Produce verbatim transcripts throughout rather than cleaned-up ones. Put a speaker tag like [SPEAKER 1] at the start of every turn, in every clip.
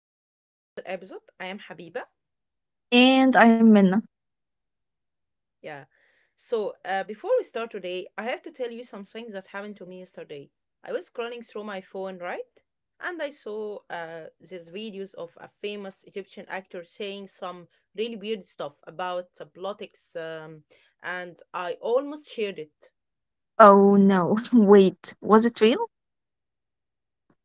[SPEAKER 1] back to another episode. I am Habiba.
[SPEAKER 2] And I'm Minna.
[SPEAKER 1] Yeah. So, uh, before we start today, I have to tell you some things that happened to me yesterday. I was scrolling through my phone, right? And I saw uh, these videos of a famous Egyptian actor saying some really weird stuff about uh, politics, um, and I almost shared it.
[SPEAKER 2] Oh no, wait, was it real?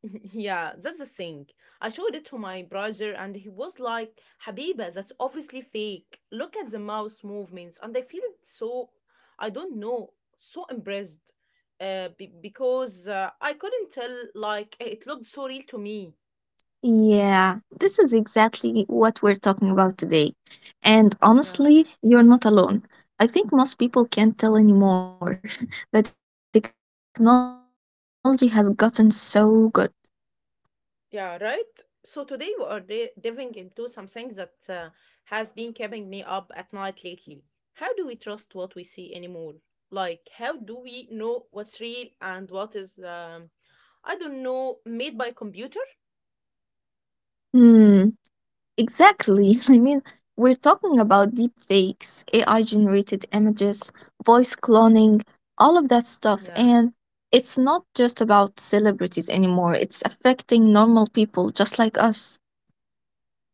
[SPEAKER 1] Yeah, that's the thing. I showed it to my brother and he was like, Habiba, that's obviously fake. Look at the mouse movements. And I feel so, I don't know, so impressed uh, be- because uh, I couldn't tell, like, eh, it looked so real to me.
[SPEAKER 2] Yeah, this is exactly what we're talking about today. And
[SPEAKER 1] Yeah,
[SPEAKER 2] honestly, you're not alone. I think most people can't tell anymore. The technology has gotten so good.
[SPEAKER 1] yeah, right? So today we are di- diving into something that uh, has been keeping me up at night lately. How do we trust what we see anymore? Like, how do we know what's real and what is. Um, I don't know, made by computer.
[SPEAKER 2] Hmm, Exactly. I mean, we're talking about deep fakes, A I generated images, voice cloning, all of that stuff.
[SPEAKER 1] Yeah.
[SPEAKER 2] And it's not just about celebrities anymore, it's affecting normal people just like us.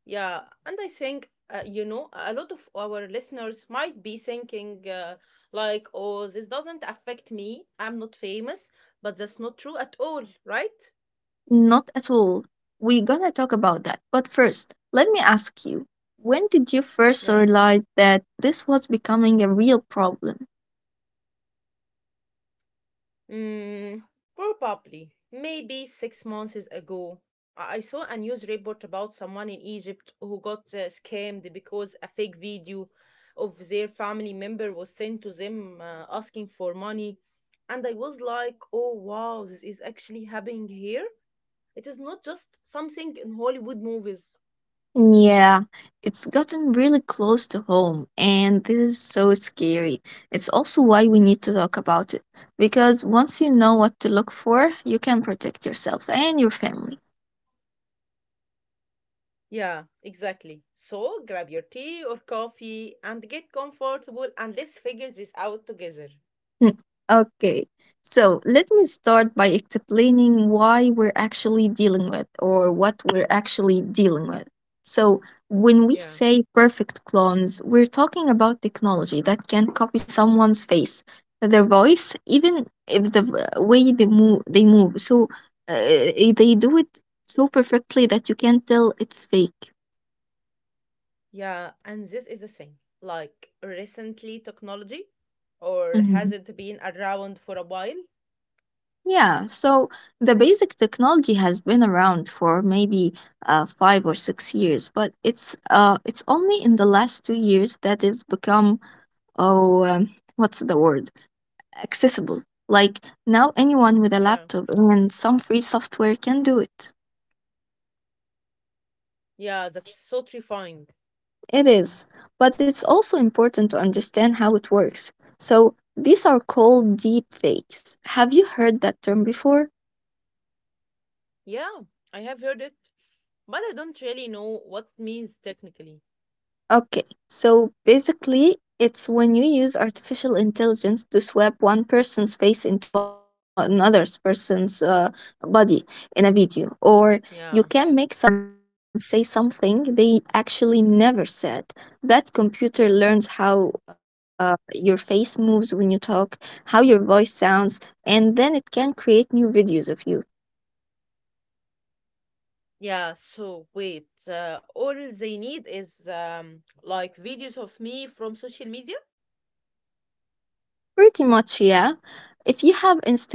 [SPEAKER 1] Yeah, and I think uh, you know a lot of our listeners might be thinking uh, like, "Oh, this doesn't affect me. I'm not famous," but that's not true at all, right?
[SPEAKER 2] Not at all. We're gonna talk about that. But first, let me ask you, when did you first
[SPEAKER 1] Yeah.
[SPEAKER 2] realize that this was becoming a real problem?
[SPEAKER 1] Mm, probably. Maybe six months is ago, I I saw a news report about someone in Egypt who got uh, scammed because a fake video of their family member was sent to them uh, asking for money. And I was like, oh wow, this is actually happening here. It is not just something in Hollywood movies.
[SPEAKER 2] Yeah, it's gotten really close to home, and this is so scary. It's also why we need to talk about it, because once you know what to look for, you can protect yourself and your family.
[SPEAKER 1] Yeah, exactly. So grab your tea or coffee and get comfortable and let's figure this out together.
[SPEAKER 2] Hmm. Okay, so let me start by explaining why we're actually dealing with, or what we're actually dealing with. So, when we
[SPEAKER 1] Yeah.
[SPEAKER 2] say perfect clones, we're talking about technology that can copy someone's face, their voice, even if the v- way they move, they move. So, uh, they do it so perfectly that you can't tell it's fake.
[SPEAKER 1] Yeah, and this is the thing. Like, recently technology, or
[SPEAKER 2] Mm-hmm.
[SPEAKER 1] has it been around for a while?
[SPEAKER 2] Yeah, so the basic technology has been around for maybe uh, five or six years, but it's uh, it's only in the last two years that it's become oh um, what's the word, accessible. Like, now, anyone with a
[SPEAKER 1] Yeah,
[SPEAKER 2] laptop and some free software can do it.
[SPEAKER 1] yeah, that's so terrifying.
[SPEAKER 2] It is, but it's also important to understand how it works. So these are called deep fakes. Have you heard that term before?
[SPEAKER 1] Yeah, I have heard it, but I don't really know what it means technically.
[SPEAKER 2] Okay, so basically, it's when you use artificial intelligence to swap one person's face into another person's uh, body in a video, or you can
[SPEAKER 1] Yeah,
[SPEAKER 2] make someone say something they actually never said. That computer learns
[SPEAKER 1] yeah,
[SPEAKER 2] how uh, your face moves when you talk, how your voice sounds, and then it can create new videos of you.
[SPEAKER 1] yeah. So wait, uh, all they need is um, like videos of me from social media.
[SPEAKER 2] Pretty much, yeah.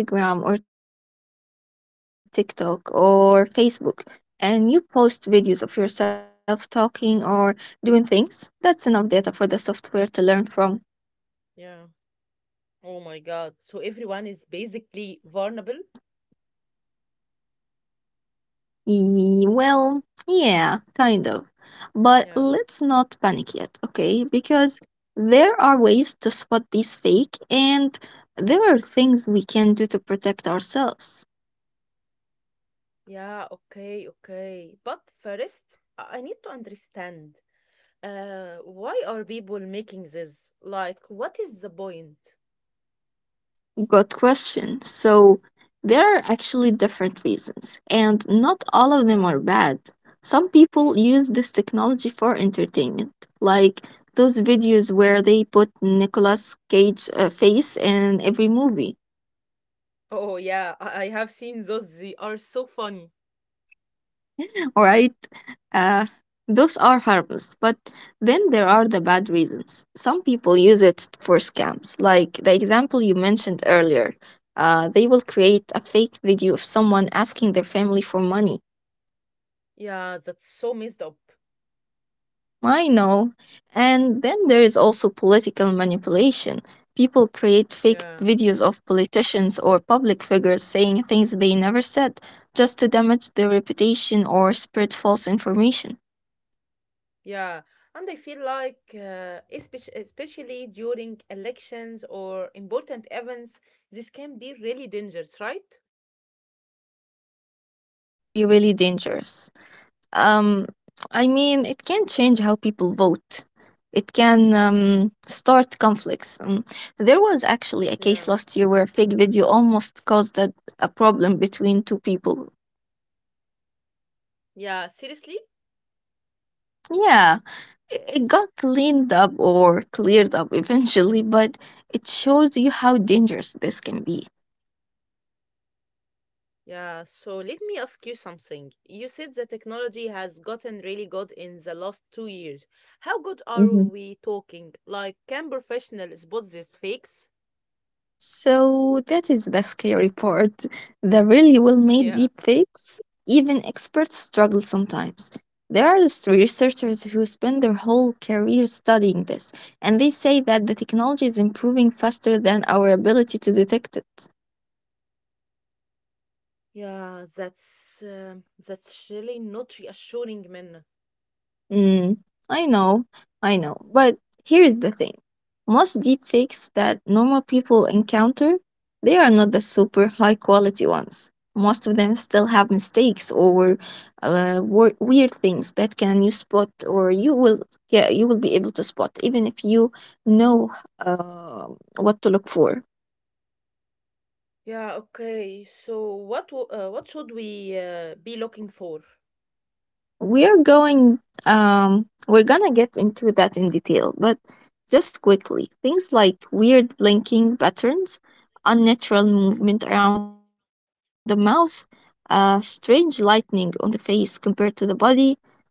[SPEAKER 2] If you have Instagram or TikTok or Facebook and you post videos of yourself talking or doing things, that's enough data for the software to learn from.
[SPEAKER 1] Yeah. Oh my God. So everyone is basically vulnerable.
[SPEAKER 2] Ye- Well, yeah, kind of. But
[SPEAKER 1] Yeah.
[SPEAKER 2] let's not panic yet, okay? Because there are ways to spot these fake and there are things we can do to protect ourselves.
[SPEAKER 1] Yeah, okay, okay. But first, I I need to understand uh, why are people making this? Like, what is the point?
[SPEAKER 2] Good question. So, there are actually different reasons, and not all of them
[SPEAKER 1] Yeah.
[SPEAKER 2] are bad. Some people use this technology for entertainment, like those videos where they put Nicolas Cage uh, face in every movie,
[SPEAKER 1] Oh, yeah, I, I have seen those. They are so funny.
[SPEAKER 2] right? Uh, those are harmless, but then there are the bad reasons. Some people use it for scams, like the example you mentioned earlier. Uh, they will create a fake video of someone asking their family for money.
[SPEAKER 1] Yeah, that's so messed up.
[SPEAKER 2] I know. And then there is also political manipulation. People create fake
[SPEAKER 1] Yeah,
[SPEAKER 2] videos of politicians or public figures saying things they never said, just to damage their reputation or spread false information.
[SPEAKER 1] yeah. And I feel like, uh, especially, especially during elections or important events, this can be really dangerous, right?
[SPEAKER 2] Yeah, it can be really dangerous. Um, I mean, it can change how people vote. It can, um, start conflicts. Um, there was actually a case
[SPEAKER 1] Yeah.
[SPEAKER 2] last year where a fake video almost caused a, a problem between two people.
[SPEAKER 1] Yeah, seriously?
[SPEAKER 2] Yeah, i- it got cleaned up, or cleared up, eventually, but it shows you how dangerous this can be.
[SPEAKER 1] Yeah, so let me ask you something. You said the technology has gotten really good in the last two years. How good are
[SPEAKER 2] Hmm.
[SPEAKER 1] we talking? Like, can professionals spot these fakes?
[SPEAKER 2] So that is the scary part. The really well-made
[SPEAKER 1] Yeah.
[SPEAKER 2] deepfakes, even experts struggle sometimes. There are s- researchers who spend their whole career studying this, and they say that the technology is improving faster than our ability to detect it.
[SPEAKER 1] Yeah, that's um that's really not reassuring, man.
[SPEAKER 2] Mm, I know, I know. But here's the thing. Most deepfakes that normal people encounter, they are not the super high quality ones. Most of them still have mistakes or uh, wor- weird things that can you spot, or you will, yeah, you will be able to spot, even if you know uh, what to look for.
[SPEAKER 1] Yeah, okay. So what w- uh, what should we uh, be looking for?
[SPEAKER 2] We're going um we're gonna get into that in detail, but just quickly, things like weird blinking patterns, unnatural movement around the mouth, uh, strange lightning on the face compared to the body,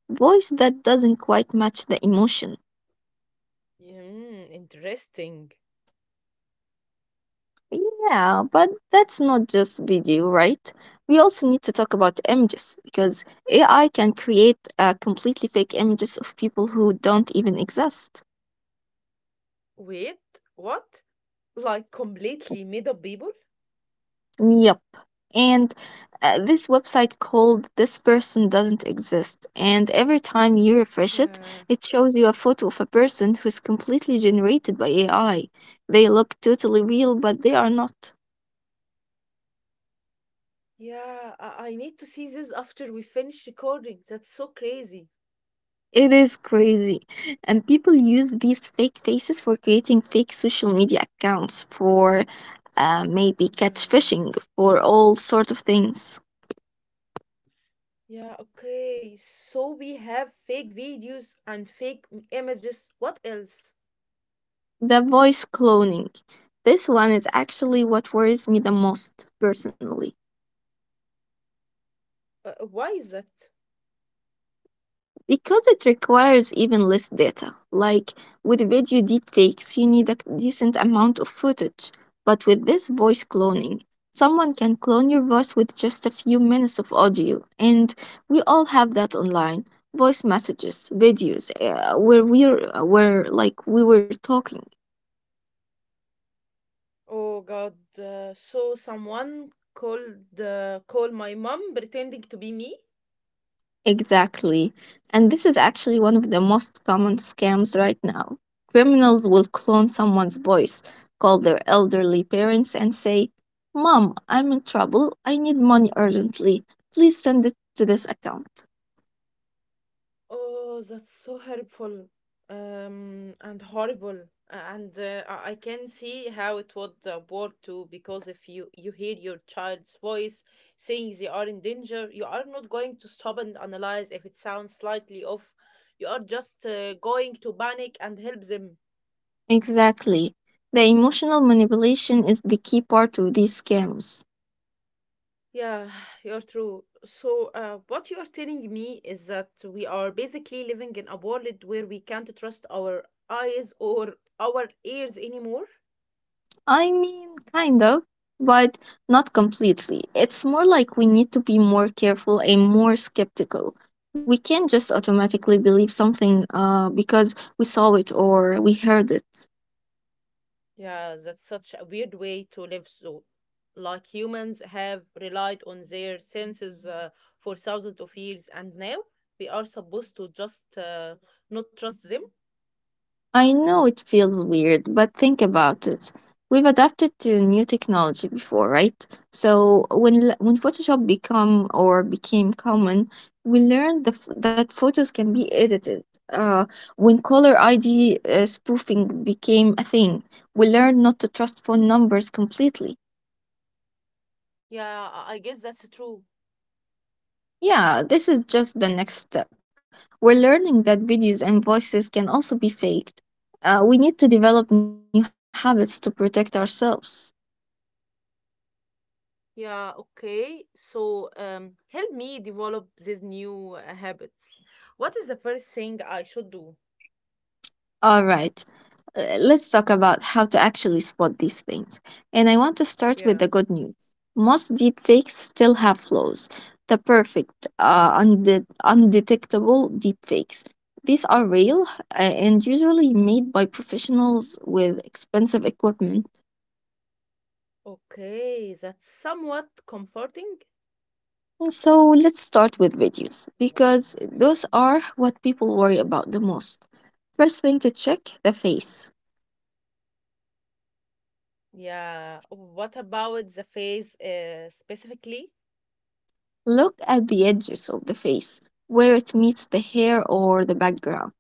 [SPEAKER 2] voice that doesn't quite match the emotion.
[SPEAKER 1] Mm, interesting.
[SPEAKER 2] Yeah, but that's not just video, right? We also need to talk about images because A I can create uh, completely fake images of people who don't even exist.
[SPEAKER 1] Wait, what? Like completely made up people?
[SPEAKER 2] Yep. And uh, this website called This Person Doesn't Exist. And every time you refresh it,
[SPEAKER 1] Yeah.
[SPEAKER 2] it shows you a photo of a person who's completely generated by A I. They look totally real, but they are not.
[SPEAKER 1] Yeah, I, I need to see this after we finish recording. That's so crazy.
[SPEAKER 2] It is crazy. And people use these fake faces for creating fake social media accounts, for uh, maybe catch
[SPEAKER 1] Yeah.
[SPEAKER 2] fishing, for all sorts of things.
[SPEAKER 1] Yeah, okay. So we have fake videos and fake m- images. What else?
[SPEAKER 2] The voice cloning. This one is actually what worries me the most, personally.
[SPEAKER 1] Uh, uh, why is that?
[SPEAKER 2] Because it requires even less data. Like, with video deepfakes, you need a decent amount of footage. But with this voice cloning, someone can clone your voice with just a few minutes of audio. And we all have that online, voice messages, videos, uh, where we're, where like we were talking.
[SPEAKER 1] Oh God. Uh, so someone called uh, Call my mom pretending to be me.
[SPEAKER 2] Exactly. And this is actually one of the most common scams right now. Criminals will clone someone's voice, call their elderly parents, and say, Mom, I'm in trouble. I need money urgently. Please send it to this account.
[SPEAKER 1] Oh, that's so helpful um, and horrible. And uh, I I can see how it would uh, work too, because if you, you hear your child's voice saying they are in danger, you are not going to stop and analyze if it sounds slightly off. You are just uh, going to panic and help them.
[SPEAKER 2] Exactly. The emotional manipulation is the key part of these scams.
[SPEAKER 1] Yeah, you're true. So, uh, what you are telling me is that we are basically living in a world where we can't trust our eyes or our ears anymore?
[SPEAKER 2] I mean, kind of, but not completely. It's more like we need to be more careful and more skeptical. We can't just automatically believe something uh, because we saw it or we heard it.
[SPEAKER 1] Yeah, that's such a weird way to live. So, like humans have relied on their senses uh, for thousands of years, and now we are supposed to just uh, not trust them.
[SPEAKER 2] I know it feels weird, but think about it. We've adapted to new technology before, right? So when l- when Photoshop become, or became common, we learned the, f- that photos can be edited. Uh, when caller I D uh, spoofing became a thing, we learned not to trust phone numbers completely.
[SPEAKER 1] Yeah, I I guess that's true.
[SPEAKER 2] Yeah, this is just the next step. We're learning that videos and voices can also be faked. Uh, we need to develop new habits to protect ourselves.
[SPEAKER 1] Yeah, okay. So, um, help me develop these new uh, habits. What is the first thing I should do?
[SPEAKER 2] All right. Uh, let's talk about how to actually spot these things. And I want to start with
[SPEAKER 1] Yeah.
[SPEAKER 2] the good news. Most deepfakes still have flaws. The perfect, uh, unde- undetectable deepfakes. These are real uh, and usually made by professionals with expensive equipment.
[SPEAKER 1] Okay, that's somewhat comforting.
[SPEAKER 2] So let's start with videos because those are what people worry about the most. First thing, to check the face.
[SPEAKER 1] Yeah. What about the phase uh, specifically?
[SPEAKER 2] Look at the edges of the face, where it meets the hair or the background.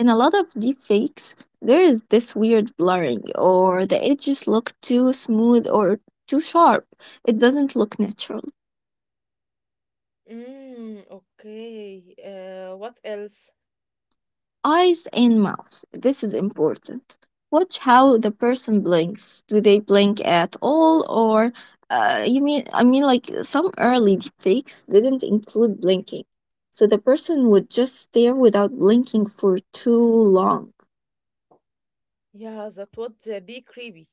[SPEAKER 2] In a lot of deepfakes, there is this weird blurring, or the edges look too smooth or too sharp. It doesn't look natural.
[SPEAKER 1] Mm, okay. Uh, what else?
[SPEAKER 2] Eyes and mouth. This is important. Watch how the person blinks. Do they blink at all, or uh, you mean? I mean, like, some early deepfakes didn't include blinking, so the person would just stare without blinking for too long.
[SPEAKER 1] Yeah, that would uh, be creepy.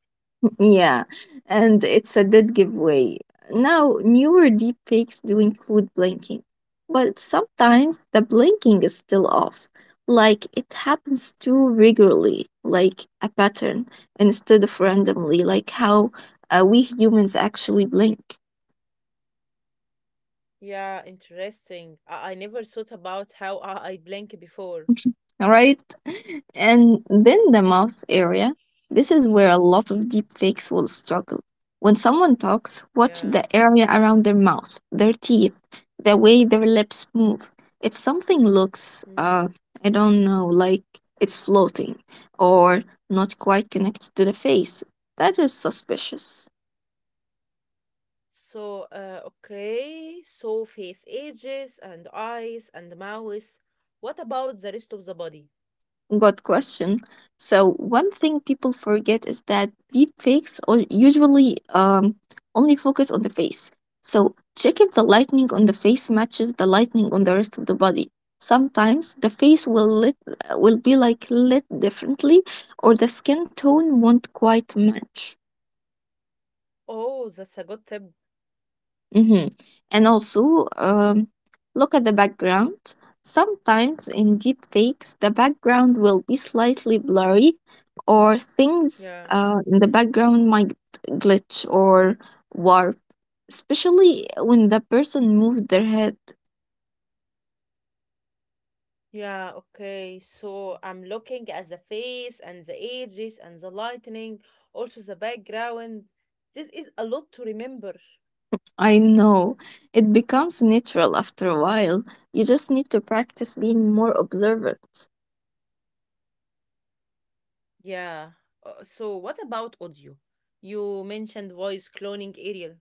[SPEAKER 2] Yeah, and it's a dead giveaway. Now, newer deepfakes do include blinking, but sometimes the blinking is still off. Like it happens too regularly, like a pattern, instead of randomly, like how, uh, we humans actually blink.
[SPEAKER 1] Yeah, interesting. I, I never thought about how I, I blink before.
[SPEAKER 2] Right? And then the mouth area. This is where a lot of deep fakes will struggle. When someone talks, watch
[SPEAKER 1] Yeah.
[SPEAKER 2] the area around their mouth, their teeth, the way their lips move. If something looks, uh, I don't know, like it's floating or not quite connected to the face, that is suspicious.
[SPEAKER 1] So, uh, okay, so face ages and eyes and mouth. What about the rest of the body?
[SPEAKER 2] Good question. So one thing people forget is that deepfakes o- usually um, only focus on the face. So check if the lightning on the face matches the lightning on the rest of the body. Sometimes the face will lit uh, will be like lit differently, or the skin tone won't quite match.
[SPEAKER 1] Oh, that's a good tip.
[SPEAKER 2] Hmm. And also, um, look at the background. Sometimes in deep fakes, the background will be slightly blurry, or things
[SPEAKER 1] Yeah.
[SPEAKER 2] uh, in the background might glitch or warp, especially when the person moved their head.
[SPEAKER 1] Yeah, okay. So I'm looking at the face and the ages and the lightning, also the background. This is a lot to remember.
[SPEAKER 2] I know, it becomes natural after a while. You just need to practice being more observant.
[SPEAKER 1] Yeah. Uh, so what about audio? You mentioned voice cloning, Ariel.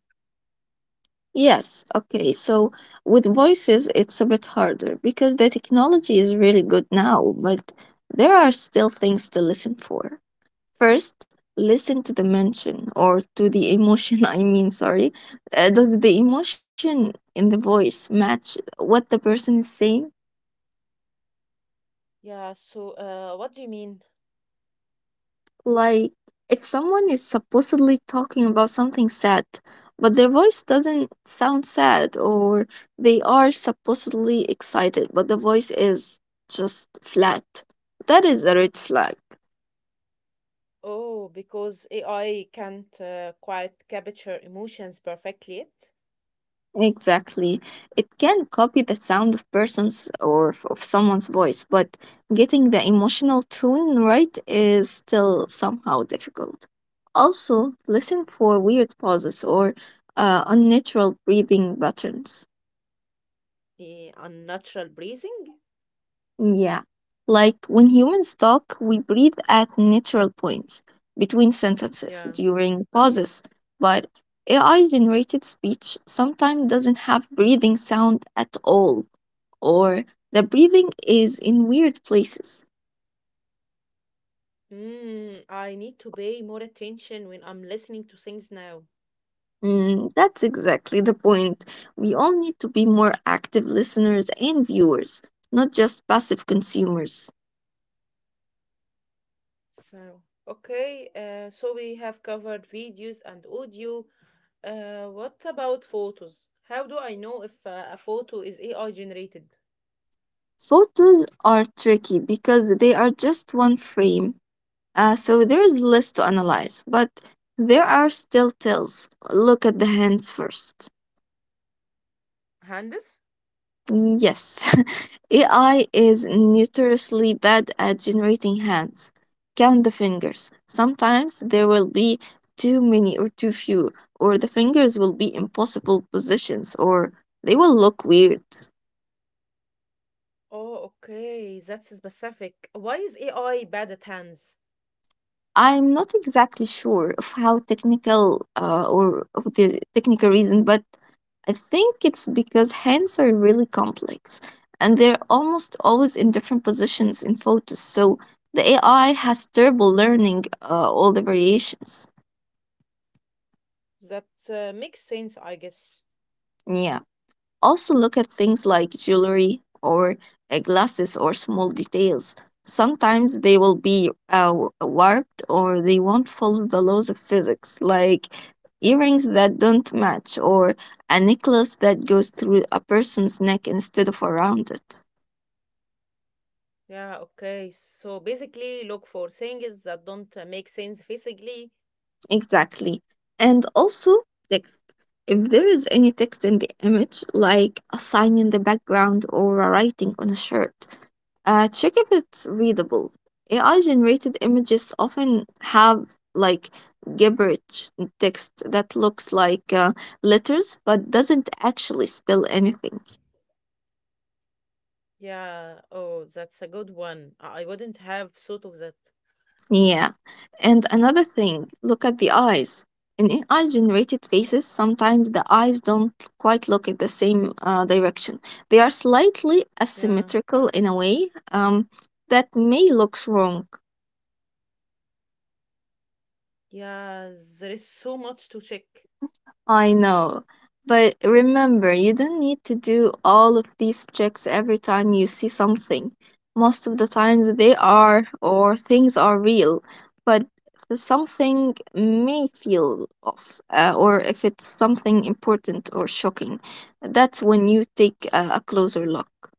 [SPEAKER 2] Yes, okay. So with voices, it's a bit harder because the technology is
[SPEAKER 1] Yeah.
[SPEAKER 2] really good now, but there are still things to listen for. First, listen to the mention or to the emotion. I mean, sorry. Uh, does the emotion in the voice match what the person is saying?
[SPEAKER 1] Yeah, so uh, what do you mean?
[SPEAKER 2] Like, if someone is supposedly talking about something sad, but their voice doesn't sound sad, or they are supposedly excited, but the voice is just flat, that is a red flag.
[SPEAKER 1] Oh, because A I can't uh, quite capture emotions perfectly yet.
[SPEAKER 2] Exactly. It can copy the sound of person's or f- of someone's voice, but getting the emotional tone right is still somehow difficult. Also, listen for weird pauses or uh, unnatural breathing patterns.
[SPEAKER 1] Eh, unnatural breathing?
[SPEAKER 2] Yeah. Like when humans talk, we breathe at natural points between sentences
[SPEAKER 1] Yeah.
[SPEAKER 2] during pauses, but A I generated speech sometimes doesn't have breathing sound at all, or the breathing is in weird places.
[SPEAKER 1] Mm, I need to pay more attention when I'm listening to things now.
[SPEAKER 2] Mm, that's exactly the point. We all need to be more active listeners and viewers, not just passive consumers.
[SPEAKER 1] So, okay, uh, so we have covered videos and audio. Uh, what about photos? How do I know if uh, a photo is A I generated?
[SPEAKER 2] Photos are tricky because they are just one frame. Uh, so there is less to analyze, but there are still tells. Look at the hands first.
[SPEAKER 1] Hands?
[SPEAKER 2] Yes, A I is notoriously bad at generating hands. Count the fingers. Sometimes there will be too many or too few, or the fingers will be in impossible positions, or they will look weird.
[SPEAKER 1] Oh, okay, that's specific. Why is A I bad at hands?
[SPEAKER 2] I'm not exactly sure of how technical uh, or of the technical reason, but I think it's because hands are really complex and they're almost always in different positions in photos. So the A I has terrible learning uh, all the variations.
[SPEAKER 1] That uh, makes sense, I guess.
[SPEAKER 2] Yeah. Also, look at things like jewelry or uh, glasses or small details. Sometimes they will be uh, warped or they won't follow the laws of physics, like earrings that don't match or a necklace that goes through a person's neck instead of around it.
[SPEAKER 1] Yeah, okay. So basically, look for things that don't uh, make sense physically.
[SPEAKER 2] Exactly. And also text. If there is any text in the image, like a sign in the background or a writing on a shirt, uh, check if it's readable. A I generated images often have like gibberish text that looks like uh, letters but doesn't actually spell anything.
[SPEAKER 1] Yeah, oh, that's a good one. I I wouldn't have thought of that.
[SPEAKER 2] Yeah. And another thing, look at the eyes. In A I generated faces, sometimes the eyes don't quite look at the same uh, direction. They are slightly
[SPEAKER 1] Yeah,
[SPEAKER 2] asymmetrical in a way um, that may looks wrong.
[SPEAKER 1] yeah, there is so much to check.
[SPEAKER 2] I know. But remember, you don't need to do all of these checks every time you see something. Most of the times they are or things are real, but something may feel off, uh, or if it's something important or shocking. That's when you take a, a closer look.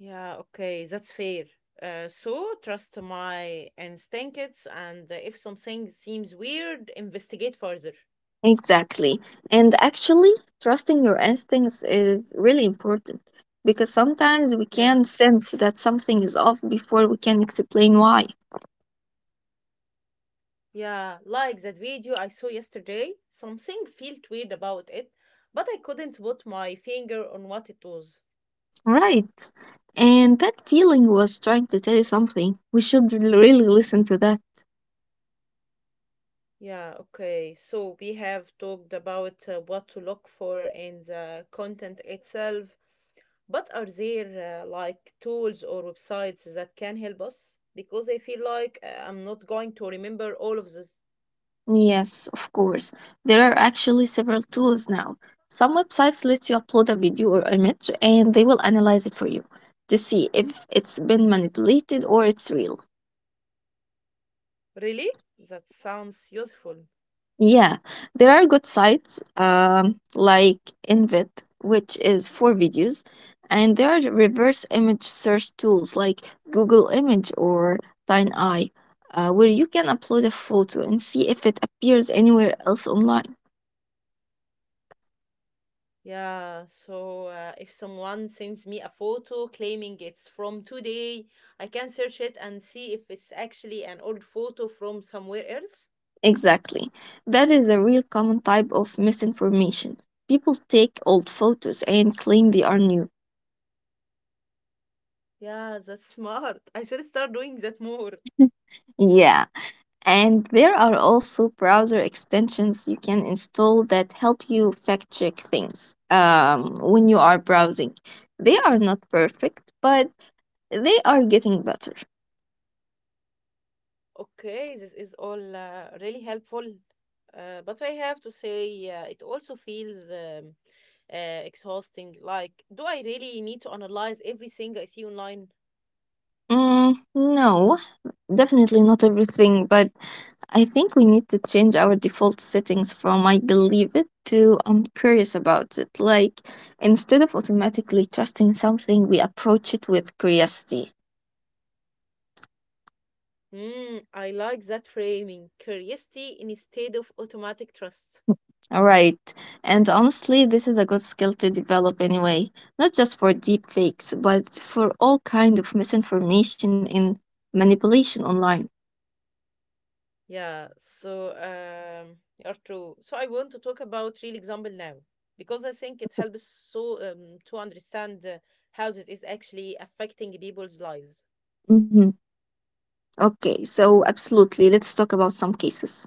[SPEAKER 1] Yeah, okay, that's fair. Uh, so trust my instincts, and uh, if something seems weird, investigate further.
[SPEAKER 2] Exactly. And actually, trusting your instincts is really important because sometimes we
[SPEAKER 1] Yeah,
[SPEAKER 2] can sense that something is off before we can explain why.
[SPEAKER 1] yeah, like that video I saw yesterday. Something felt weird about it, but I couldn't put my finger on what it was.
[SPEAKER 2] Right. And that feeling was trying to tell you something. We should re- really listen to that.
[SPEAKER 1] Yeah, okay. So we have talked about uh, what to look for in the content itself, but are there uh, like tools or websites that can help us? Because I feel like uh, I'm not going to remember all of this.
[SPEAKER 2] Yes, of course. There are actually several tools now. Some websites let you upload a video or image and they will analyze it for you to see if it's been manipulated or it's real.
[SPEAKER 1] Really? That sounds useful.
[SPEAKER 2] Yeah, there are good sites um, like Invit, which is for videos, and there are reverse image search tools like Google Image or TineEye, uh, where you can upload a photo and see if it appears anywhere else online.
[SPEAKER 1] Yeah, so uh, if someone sends me a photo claiming it's from today, I can search it and see if it's actually an old photo from somewhere else.
[SPEAKER 2] Exactly. That is a real common type of misinformation. People take old photos and claim they are new.
[SPEAKER 1] Yeah, that's smart. I should start doing that more.
[SPEAKER 2] Yeah. And there are also browser extensions you can install that help you fact check things um, when you are browsing. They are not perfect, but they are getting better.
[SPEAKER 1] Okay, this is all uh, really helpful. Uh, but I have to say, uh, it also feels um, uh, exhausting. Like, do I really need to analyze everything I see online?
[SPEAKER 2] Mm, no, definitely not everything, but I think we need to change our default settings from I believe it to I'm curious about it. Like, instead of automatically trusting something, we approach it with curiosity.
[SPEAKER 1] Hmm, I like that framing. Curiosity instead of automatic trust.
[SPEAKER 2] Right. And honestly, this is a good skill to develop anyway, not just for deep fakes, but for all kind of misinformation and manipulation online.
[SPEAKER 1] Yeah, so um, you're true. So I want to talk about real example now because I think it helps so um, to understand uh, how this is actually affecting people's lives.
[SPEAKER 2] Mhm. Okay, so absolutely, let's talk about some cases.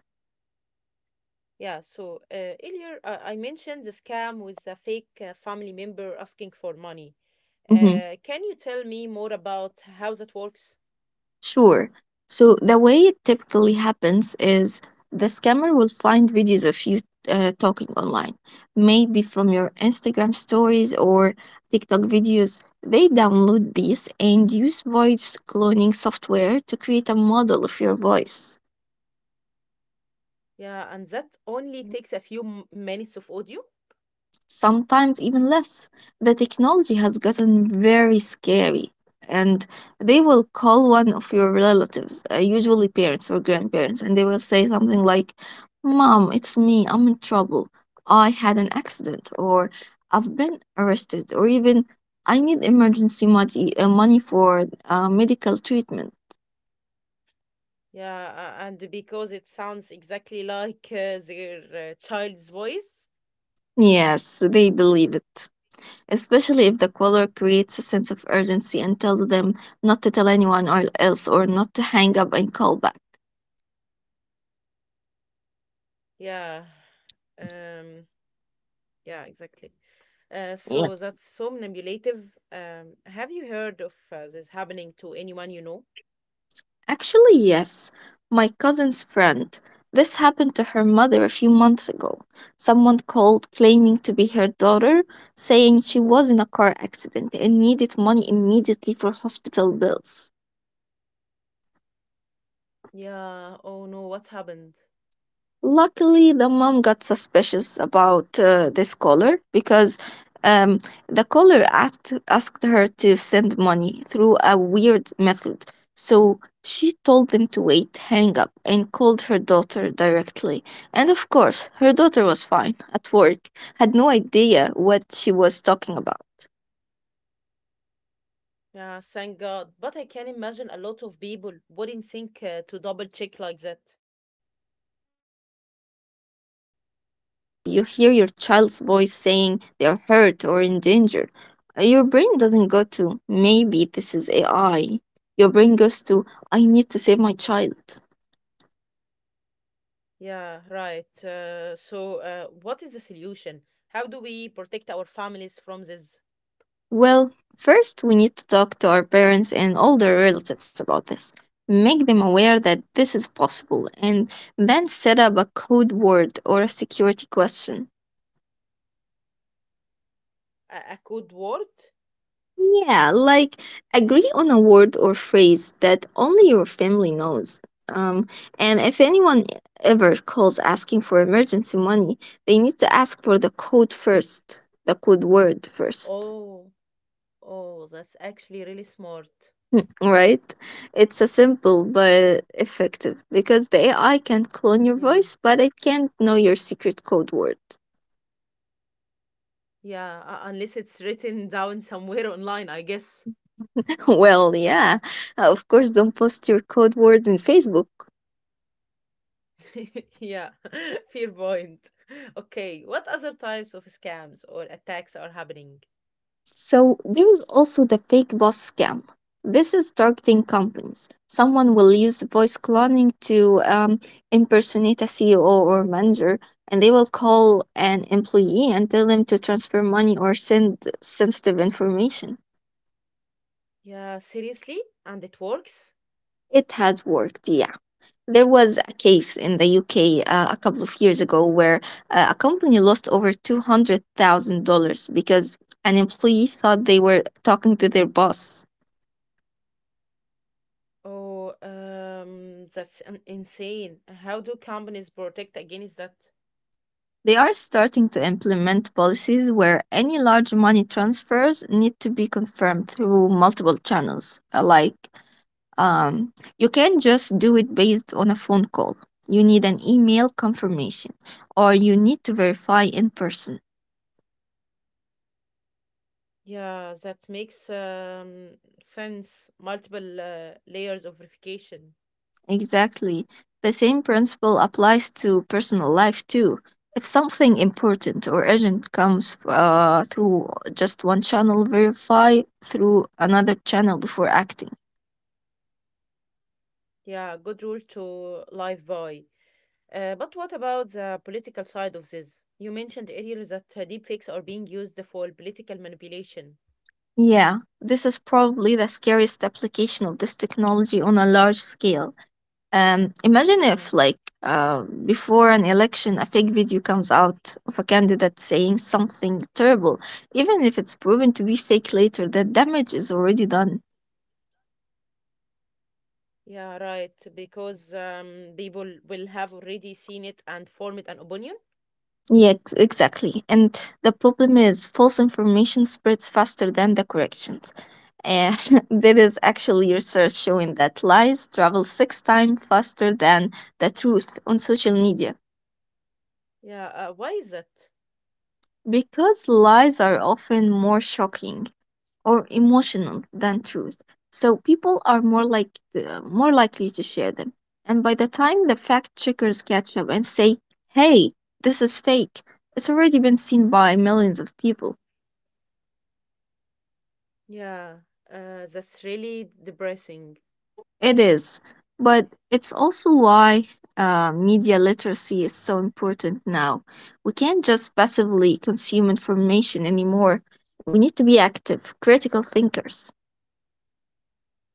[SPEAKER 1] Yeah, so uh, earlier uh, I mentioned the scam with a fake uh, family member asking for money.
[SPEAKER 2] Mhm.
[SPEAKER 1] Uh, can you tell me more about how that works?
[SPEAKER 2] Sure. So the way it typically happens is the scammer will find videos of you uh, talking online, maybe from your Instagram stories or TikTok videos. They download these and use voice cloning software to create a model of your voice.
[SPEAKER 1] Yeah, and that only takes a few m- minutes of audio.
[SPEAKER 2] Sometimes even less. The technology has gotten very scary, and they will call one of your relatives, uh, usually parents or grandparents, and they will say something like, "Mom, it's me, I'm in trouble, I had an accident," or "I've been arrested," or even "I need emergency money, uh, money for uh, medical treatment."
[SPEAKER 1] Yeah, uh, and because it sounds exactly like uh, their uh, child's voice.
[SPEAKER 2] Yes, they believe it, especially if the caller creates a sense of urgency and tells them not to tell anyone or else or not to hang up and call back.
[SPEAKER 1] Yeah, um, yeah, exactly. Uh, so
[SPEAKER 2] Yes.
[SPEAKER 1] that's somnambulative. Um, have you heard of uh, this happening to anyone you know?
[SPEAKER 2] Actually, yes. My cousin's friend. This happened to her mother a few months ago. Someone called claiming to be her daughter, saying she was in a car accident and needed money immediately for hospital bills.
[SPEAKER 1] Yeah, oh no, what happened?
[SPEAKER 2] Luckily, the mom got suspicious about uh, this caller because um, the caller asked, asked her to send money through a weird method. So she told them to wait, hang up, and called her daughter directly. And of course, her daughter was fine, at work, had no idea what she was talking about.
[SPEAKER 1] Yeah, thank God. But I can imagine a lot of people wouldn't think uh, to double check like that.
[SPEAKER 2] Exactly, especially if you're panicked and you hear your child's voice saying they're hurt or in danger. Uh, Your brain doesn't go to, maybe this is A I. Your brain goes to, I need to save my child.
[SPEAKER 1] Yeah, right. Uh, so, uh, what is the solution? How do we protect our families from this?
[SPEAKER 2] Well, first, we need to talk to our parents and older relatives about this. Make them aware that this is possible and then set up a code word or a security question.
[SPEAKER 1] A, a code word?
[SPEAKER 2] Yeah, like agree on a word or phrase that only your family knows. Um, and if anyone ever calls asking for emergency money, they need to ask for the code first, the code word first.
[SPEAKER 1] Oh, oh, that's actually really smart.
[SPEAKER 2] Mm. Right? It's a simple but effective because the A I can clone your
[SPEAKER 1] Yeah,
[SPEAKER 2] voice, but it can't know your secret code word.
[SPEAKER 1] yeah, uh, unless it's written down somewhere online, I guess.
[SPEAKER 2] Well, yeah, of course, don't post your code word in Facebook.
[SPEAKER 1] Yeah, fair point. Okay, what other types of scams or attacks are happening?
[SPEAKER 2] So there is also the fake boss scam. This is targeting companies. Someone will use the voice cloning to um, impersonate a C E O or manager, and they will call an employee and tell them to transfer money or send sensitive information.
[SPEAKER 1] Yeah, seriously? And it works?
[SPEAKER 2] It has worked, yeah. There was a case in the U K uh, a couple of years ago where uh, a company lost over two hundred thousand dollars because an employee thought they were talking to their boss.
[SPEAKER 1] Oh, um, that's an insane. How do companies protect against that?
[SPEAKER 2] They are starting to implement policies where any large money transfers need to be confirmed through multiple channels. Uh, Like, um, you can't just do it based on a phone call. You need an email confirmation, or you need to verify in person.
[SPEAKER 1] Yeah, that makes um, sense. Multiple uh, layers of verification.
[SPEAKER 2] Exactly. The same principle applies to personal life too. If something important or urgent comes uh, through just one channel, verify through another channel before acting.
[SPEAKER 1] Yeah, good rule to live by. Uh, but what about the political side of this? You mentioned earlier that uh, deepfakes are being used for political manipulation.
[SPEAKER 2] Yeah, this is probably the scariest application of this technology on a large scale. Um, imagine
[SPEAKER 1] Yeah.
[SPEAKER 2] if, like, uh, before an election, a fake video comes out of a candidate saying something terrible. Even if it's proven to be fake later, the damage is already done.
[SPEAKER 1] Yeah, right. Because um, people will have already seen it and formed an opinion.
[SPEAKER 2] Yeah, ex- exactly. And the problem is, false information spreads faster than the corrections. And there is actually research showing that lies travel six times faster than the truth on social media.
[SPEAKER 1] Yeah, uh, why is that?
[SPEAKER 2] Because lies are often more shocking or emotional than truth, so people are more like uh, more likely to share them. And by the time the fact checkers catch up and say, "Hey, this is fake," it's already been seen by millions of people.
[SPEAKER 1] Yeah, uh, that's really depressing.
[SPEAKER 2] It is, but it's also why uh, media literacy is so important now. We can't just passively consume information anymore. We need to be active, critical thinkers.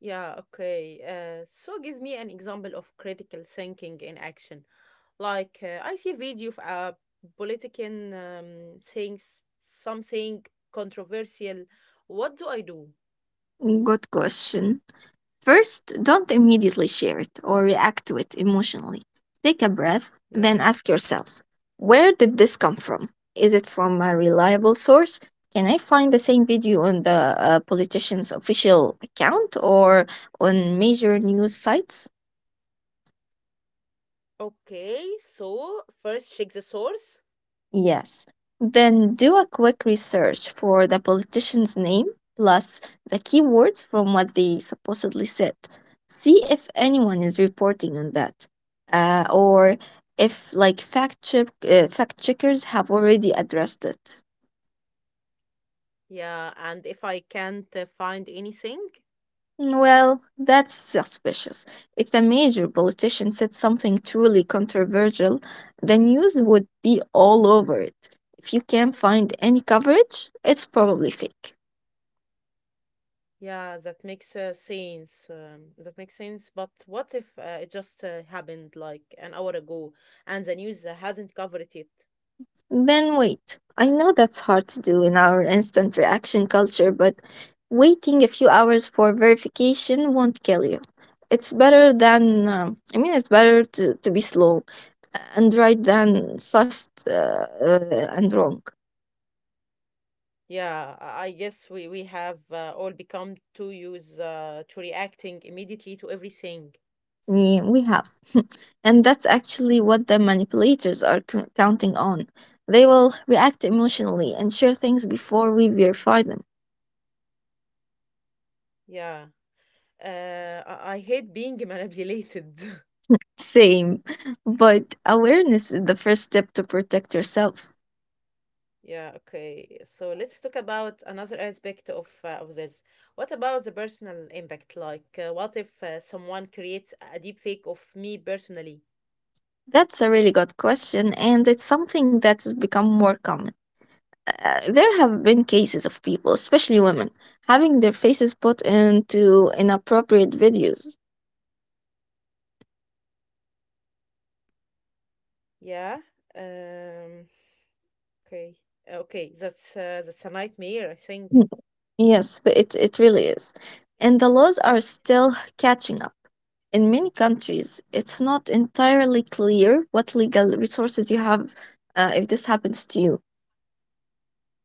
[SPEAKER 1] Yeah, okay. Uh, so give me an example of critical thinking in action. Like, uh, I see a video of a politician um, saying s- something controversial. What do I do?
[SPEAKER 2] Good question. First, don't immediately share it or react to it emotionally. Take a breath,
[SPEAKER 1] Yeah.
[SPEAKER 2] then ask yourself, where did this come from? Is it from a reliable source? Can I find the same video on the uh, politician's official account or on major news sites?
[SPEAKER 1] Okay, so first check the source.
[SPEAKER 2] Yes. Then do a quick research for the politician's name plus the keywords from what they supposedly said. See if anyone is reporting on that. Uh, or if like fact check uh, fact checkers have already addressed it.
[SPEAKER 1] Yeah, and if I can't uh, find anything,
[SPEAKER 2] Well, that's suspicious. If a major politician said something truly controversial, the news would be all over it. If you can't find any coverage, it's probably fake.
[SPEAKER 1] yeah, that makes uh, sense. Um, that makes sense. But what if uh, it just uh, happened like an hour ago and the news uh, hasn't covered it?
[SPEAKER 2] Then wait. I know that's hard to do in our instant reaction culture, but waiting a few hours for verification won't kill you. It's better than, um, I mean, It's better to, to be slow and right than fast uh, uh, and wrong.
[SPEAKER 1] Yeah, I I guess we, we have uh, all become too used uh, to reacting immediately to everything.
[SPEAKER 2] Yeah, we have. And that's actually what the manipulators are c- counting on. They will react emotionally and share things before we verify them.
[SPEAKER 1] Yeah. Uh, I, I hate being manipulated.
[SPEAKER 2] Same. But awareness is the first step to protect yourself.
[SPEAKER 1] Yeah, okay. So let's talk about another aspect of uh, of this. What about the personal impact? Like, uh, what if uh, someone creates a deep fake of me personally?
[SPEAKER 2] That's a really good question, and it's something that has become more common. Uh, there have been cases of people, especially women, having their faces put into inappropriate videos.
[SPEAKER 1] Yeah. Um, okay. Okay, that's uh, that's a nightmare, I think.
[SPEAKER 2] Yes, th- it, it really is. And the laws are still catching up. In many countries, it's not entirely clear what legal resources you have uh, if this happens to you.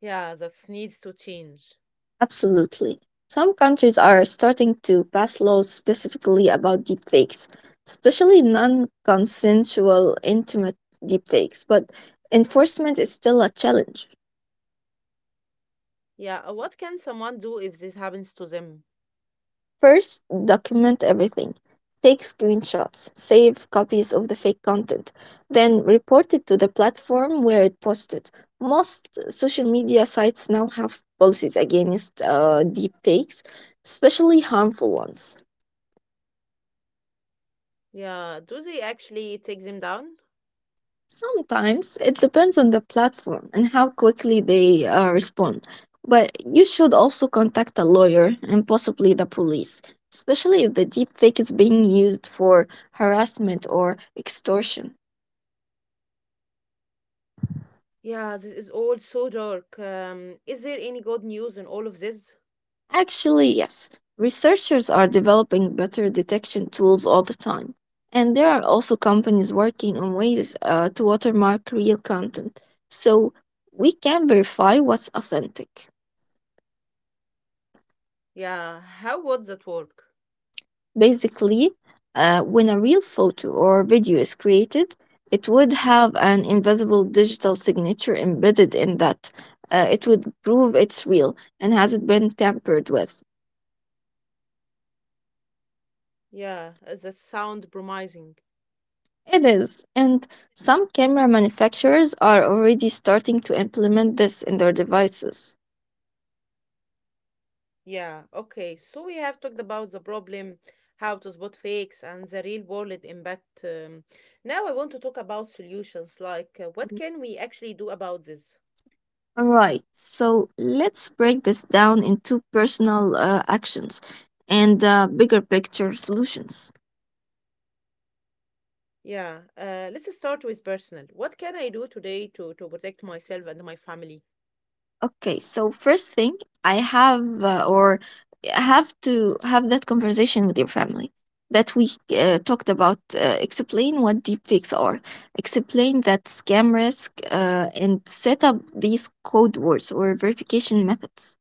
[SPEAKER 1] Yeah, that needs to change.
[SPEAKER 2] Absolutely. Some countries are starting to pass laws specifically about deepfakes, especially non consensual intimate deepfakes, but enforcement is still a challenge.
[SPEAKER 1] Yeah, uh, what can someone do if this happens to them?
[SPEAKER 2] First, document everything. Take screenshots, save copies of the fake content, then report it to the platform where it posted. Most social media sites now have policies against uh, deep especially harmful ones.
[SPEAKER 1] Yeah, do they actually take them down?
[SPEAKER 2] Sometimes it depends on the platform and how quickly they uh, respond. But you should also contact a lawyer and possibly the police, especially if the deepfake is being used for harassment or extortion.
[SPEAKER 1] Yeah, this is all so dark. Um, is there any good news in all of this?
[SPEAKER 2] Actually, yes. Researchers are developing better detection tools all the time. And there are also companies working on ways uh, to watermark real content. So we can verify what's authentic.
[SPEAKER 1] Yeah, how would that work?
[SPEAKER 2] Basically, uh, when a real photo or video is created, it would have an invisible digital signature embedded in that. Uh, it would prove it's real and hasn't been tampered with.
[SPEAKER 1] Yeah, uh, that sound promising.
[SPEAKER 2] It is, and some camera manufacturers are already starting to implement this in their devices.
[SPEAKER 1] Yeah, okay, so we have talked about the problem, how to spot fakes, and the real world impact. Um, now I want to talk about solutions, like uh, what can we actually do about this?
[SPEAKER 2] All right, so let's break this down into personal uh, actions and uh, bigger picture solutions.
[SPEAKER 1] Yeah, uh, let's start with personal. What can I do today to to protect myself and my family?
[SPEAKER 2] Okay, so first thing I have, uh, or have to have that conversation with your family that we uh, talked about. Uh, explain what deepfakes are, explain that scam risk, uh, and set up these code words or verification methods.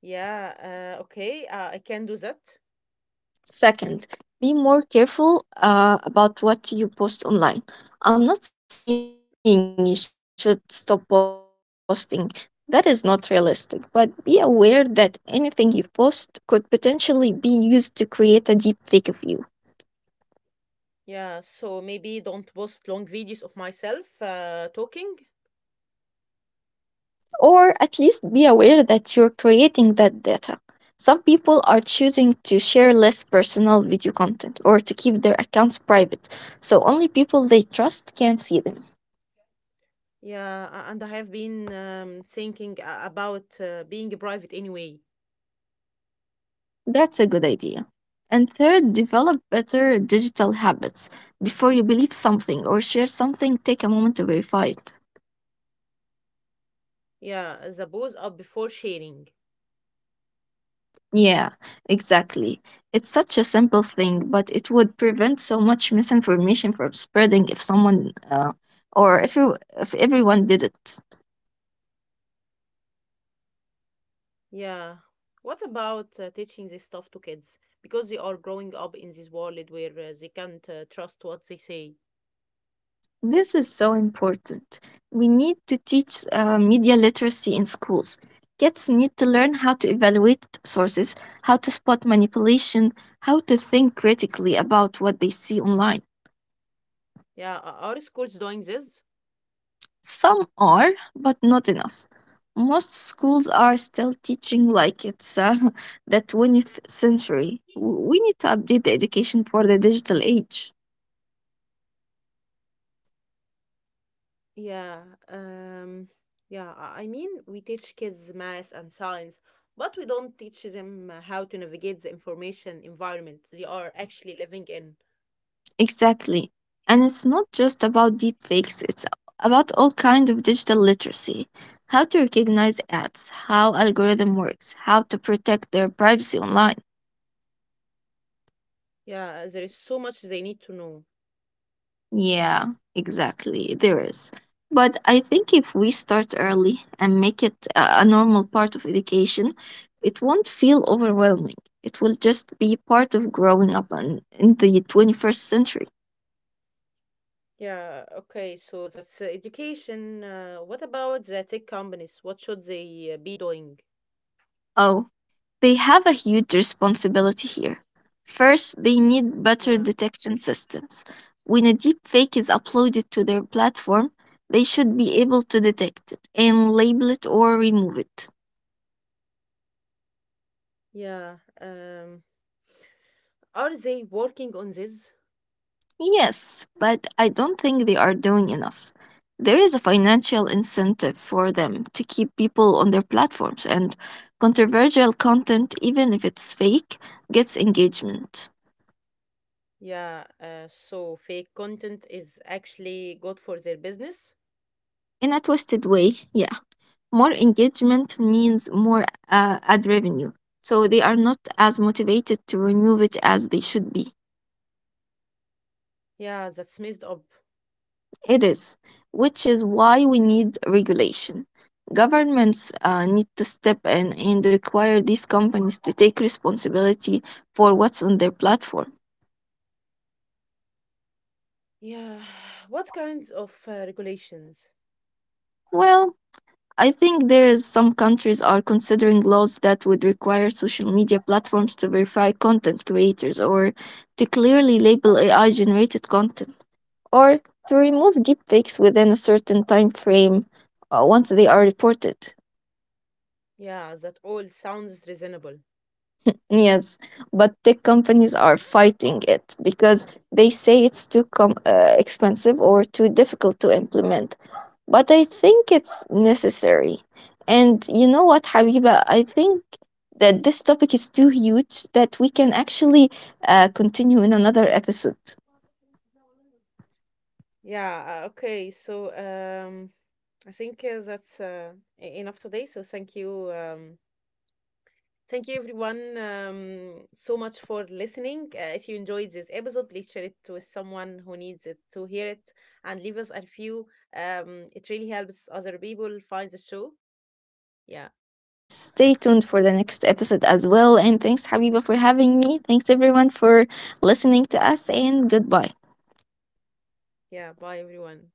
[SPEAKER 1] Yeah, uh, okay, uh, I can do that.
[SPEAKER 2] Second, be more careful uh, about what you post online. I'm not saying you should stop posting. That is not realistic, but be aware that anything you post could potentially be used to create a deep fake of you.
[SPEAKER 1] Yeah, so maybe don't post long videos of myself uh, talking.
[SPEAKER 2] Or at least be aware that you're creating that data. Some people are choosing to share less personal video content or to keep their accounts private, so only people they trust can see them.
[SPEAKER 1] Yeah, a- and I have been um, thinking a- about uh, being private anyway.
[SPEAKER 2] That's a good idea. And third, develop better digital habits. Before you believe something or share something, take a moment to verify it.
[SPEAKER 1] Yeah, the pose up before sharing.
[SPEAKER 2] Yeah, exactly. It's such a simple thing, but it would prevent so much misinformation from spreading if someone uh, or if you, if everyone did it.
[SPEAKER 1] Yeah. What about uh, teaching this stuff to kids? Because they are growing up in this world where uh, they can't uh, trust what they say.
[SPEAKER 2] This is so important. We need to teach uh, media literacy in schools. Kids need to learn how to evaluate sources, how to spot manipulation, how to think critically about what they see online.
[SPEAKER 1] Yeah, o- our school's doing this.
[SPEAKER 2] Some are, but not enough. Most schools are still teaching like it's uh, the twentieth century. W- We need to update the education for the digital age.
[SPEAKER 1] Yeah, um, yeah, I I mean, we teach kids math and science, but we don't teach them uh, how to navigate the information environment they are actually living in.
[SPEAKER 2] Exactly. And it's not just about deep fakes, it's about all kind of digital literacy. How to recognize ads, how algorithm works, how to protect their privacy online.
[SPEAKER 1] Yeah, there is so much they need to know.
[SPEAKER 2] Yeah, exactly. There is. But I think if we start early and make it a a normal part of education, it won't feel overwhelming. It will just be part of growing up in, in the twenty-first century.
[SPEAKER 1] Yeah, okay, so that's uh, education. Uh, what about the tech companies? What should they uh, be doing?
[SPEAKER 2] Oh, they have a huge responsibility here. First, they need better
[SPEAKER 1] Yeah.
[SPEAKER 2] detection systems. When a deep fake is uploaded to their platform, they should be able to detect it and label it or remove it.
[SPEAKER 1] Yeah. Um, are they working on this?
[SPEAKER 2] Yes, but I don't think they are doing enough. There is a financial incentive for them to keep people on their platforms, and controversial content, even if it's fake, gets engagement.
[SPEAKER 1] Yeah. Uh, so fake content is actually good for their business.
[SPEAKER 2] In a twisted way, yeah, more engagement means more uh, ad revenue, so they are not as motivated to remove it as they should be.
[SPEAKER 1] Yeah, that's messed up.
[SPEAKER 2] It is, which is why we need regulation. Governments uh, need to step in and require these companies to take responsibility for what's on their platform.
[SPEAKER 1] Yeah. What kinds of uh, regulations?
[SPEAKER 2] Well, I think there is some countries are considering laws that would require social media platforms to verify content creators or to clearly label A I generated content or to remove deepfakes within a certain time frame uh, once they are reported.
[SPEAKER 1] Yeah, that all sounds reasonable.
[SPEAKER 2] Yes, but tech companies are fighting it because they say it's too com- uh, expensive or too difficult to implement. But I think it's necessary. And you know what, Habiba? I think that this topic is too huge that we can actually uh, continue in another episode.
[SPEAKER 1] Yeah. Uh, okay. So um, I think uh, that's uh, e- enough today. So thank you. Um, Thank you, everyone, um, so much for listening. Uh, if you enjoyed this episode, please share it with someone who needs it to hear it and leave us a review. Um, it really helps other people find the show. Yeah,
[SPEAKER 2] Yes, stay tuned for the next episode as well. And thanks, Habiba, for having me. Thanks, everyone, for listening to us, and goodbye.
[SPEAKER 1] yeah. Bye, everyone.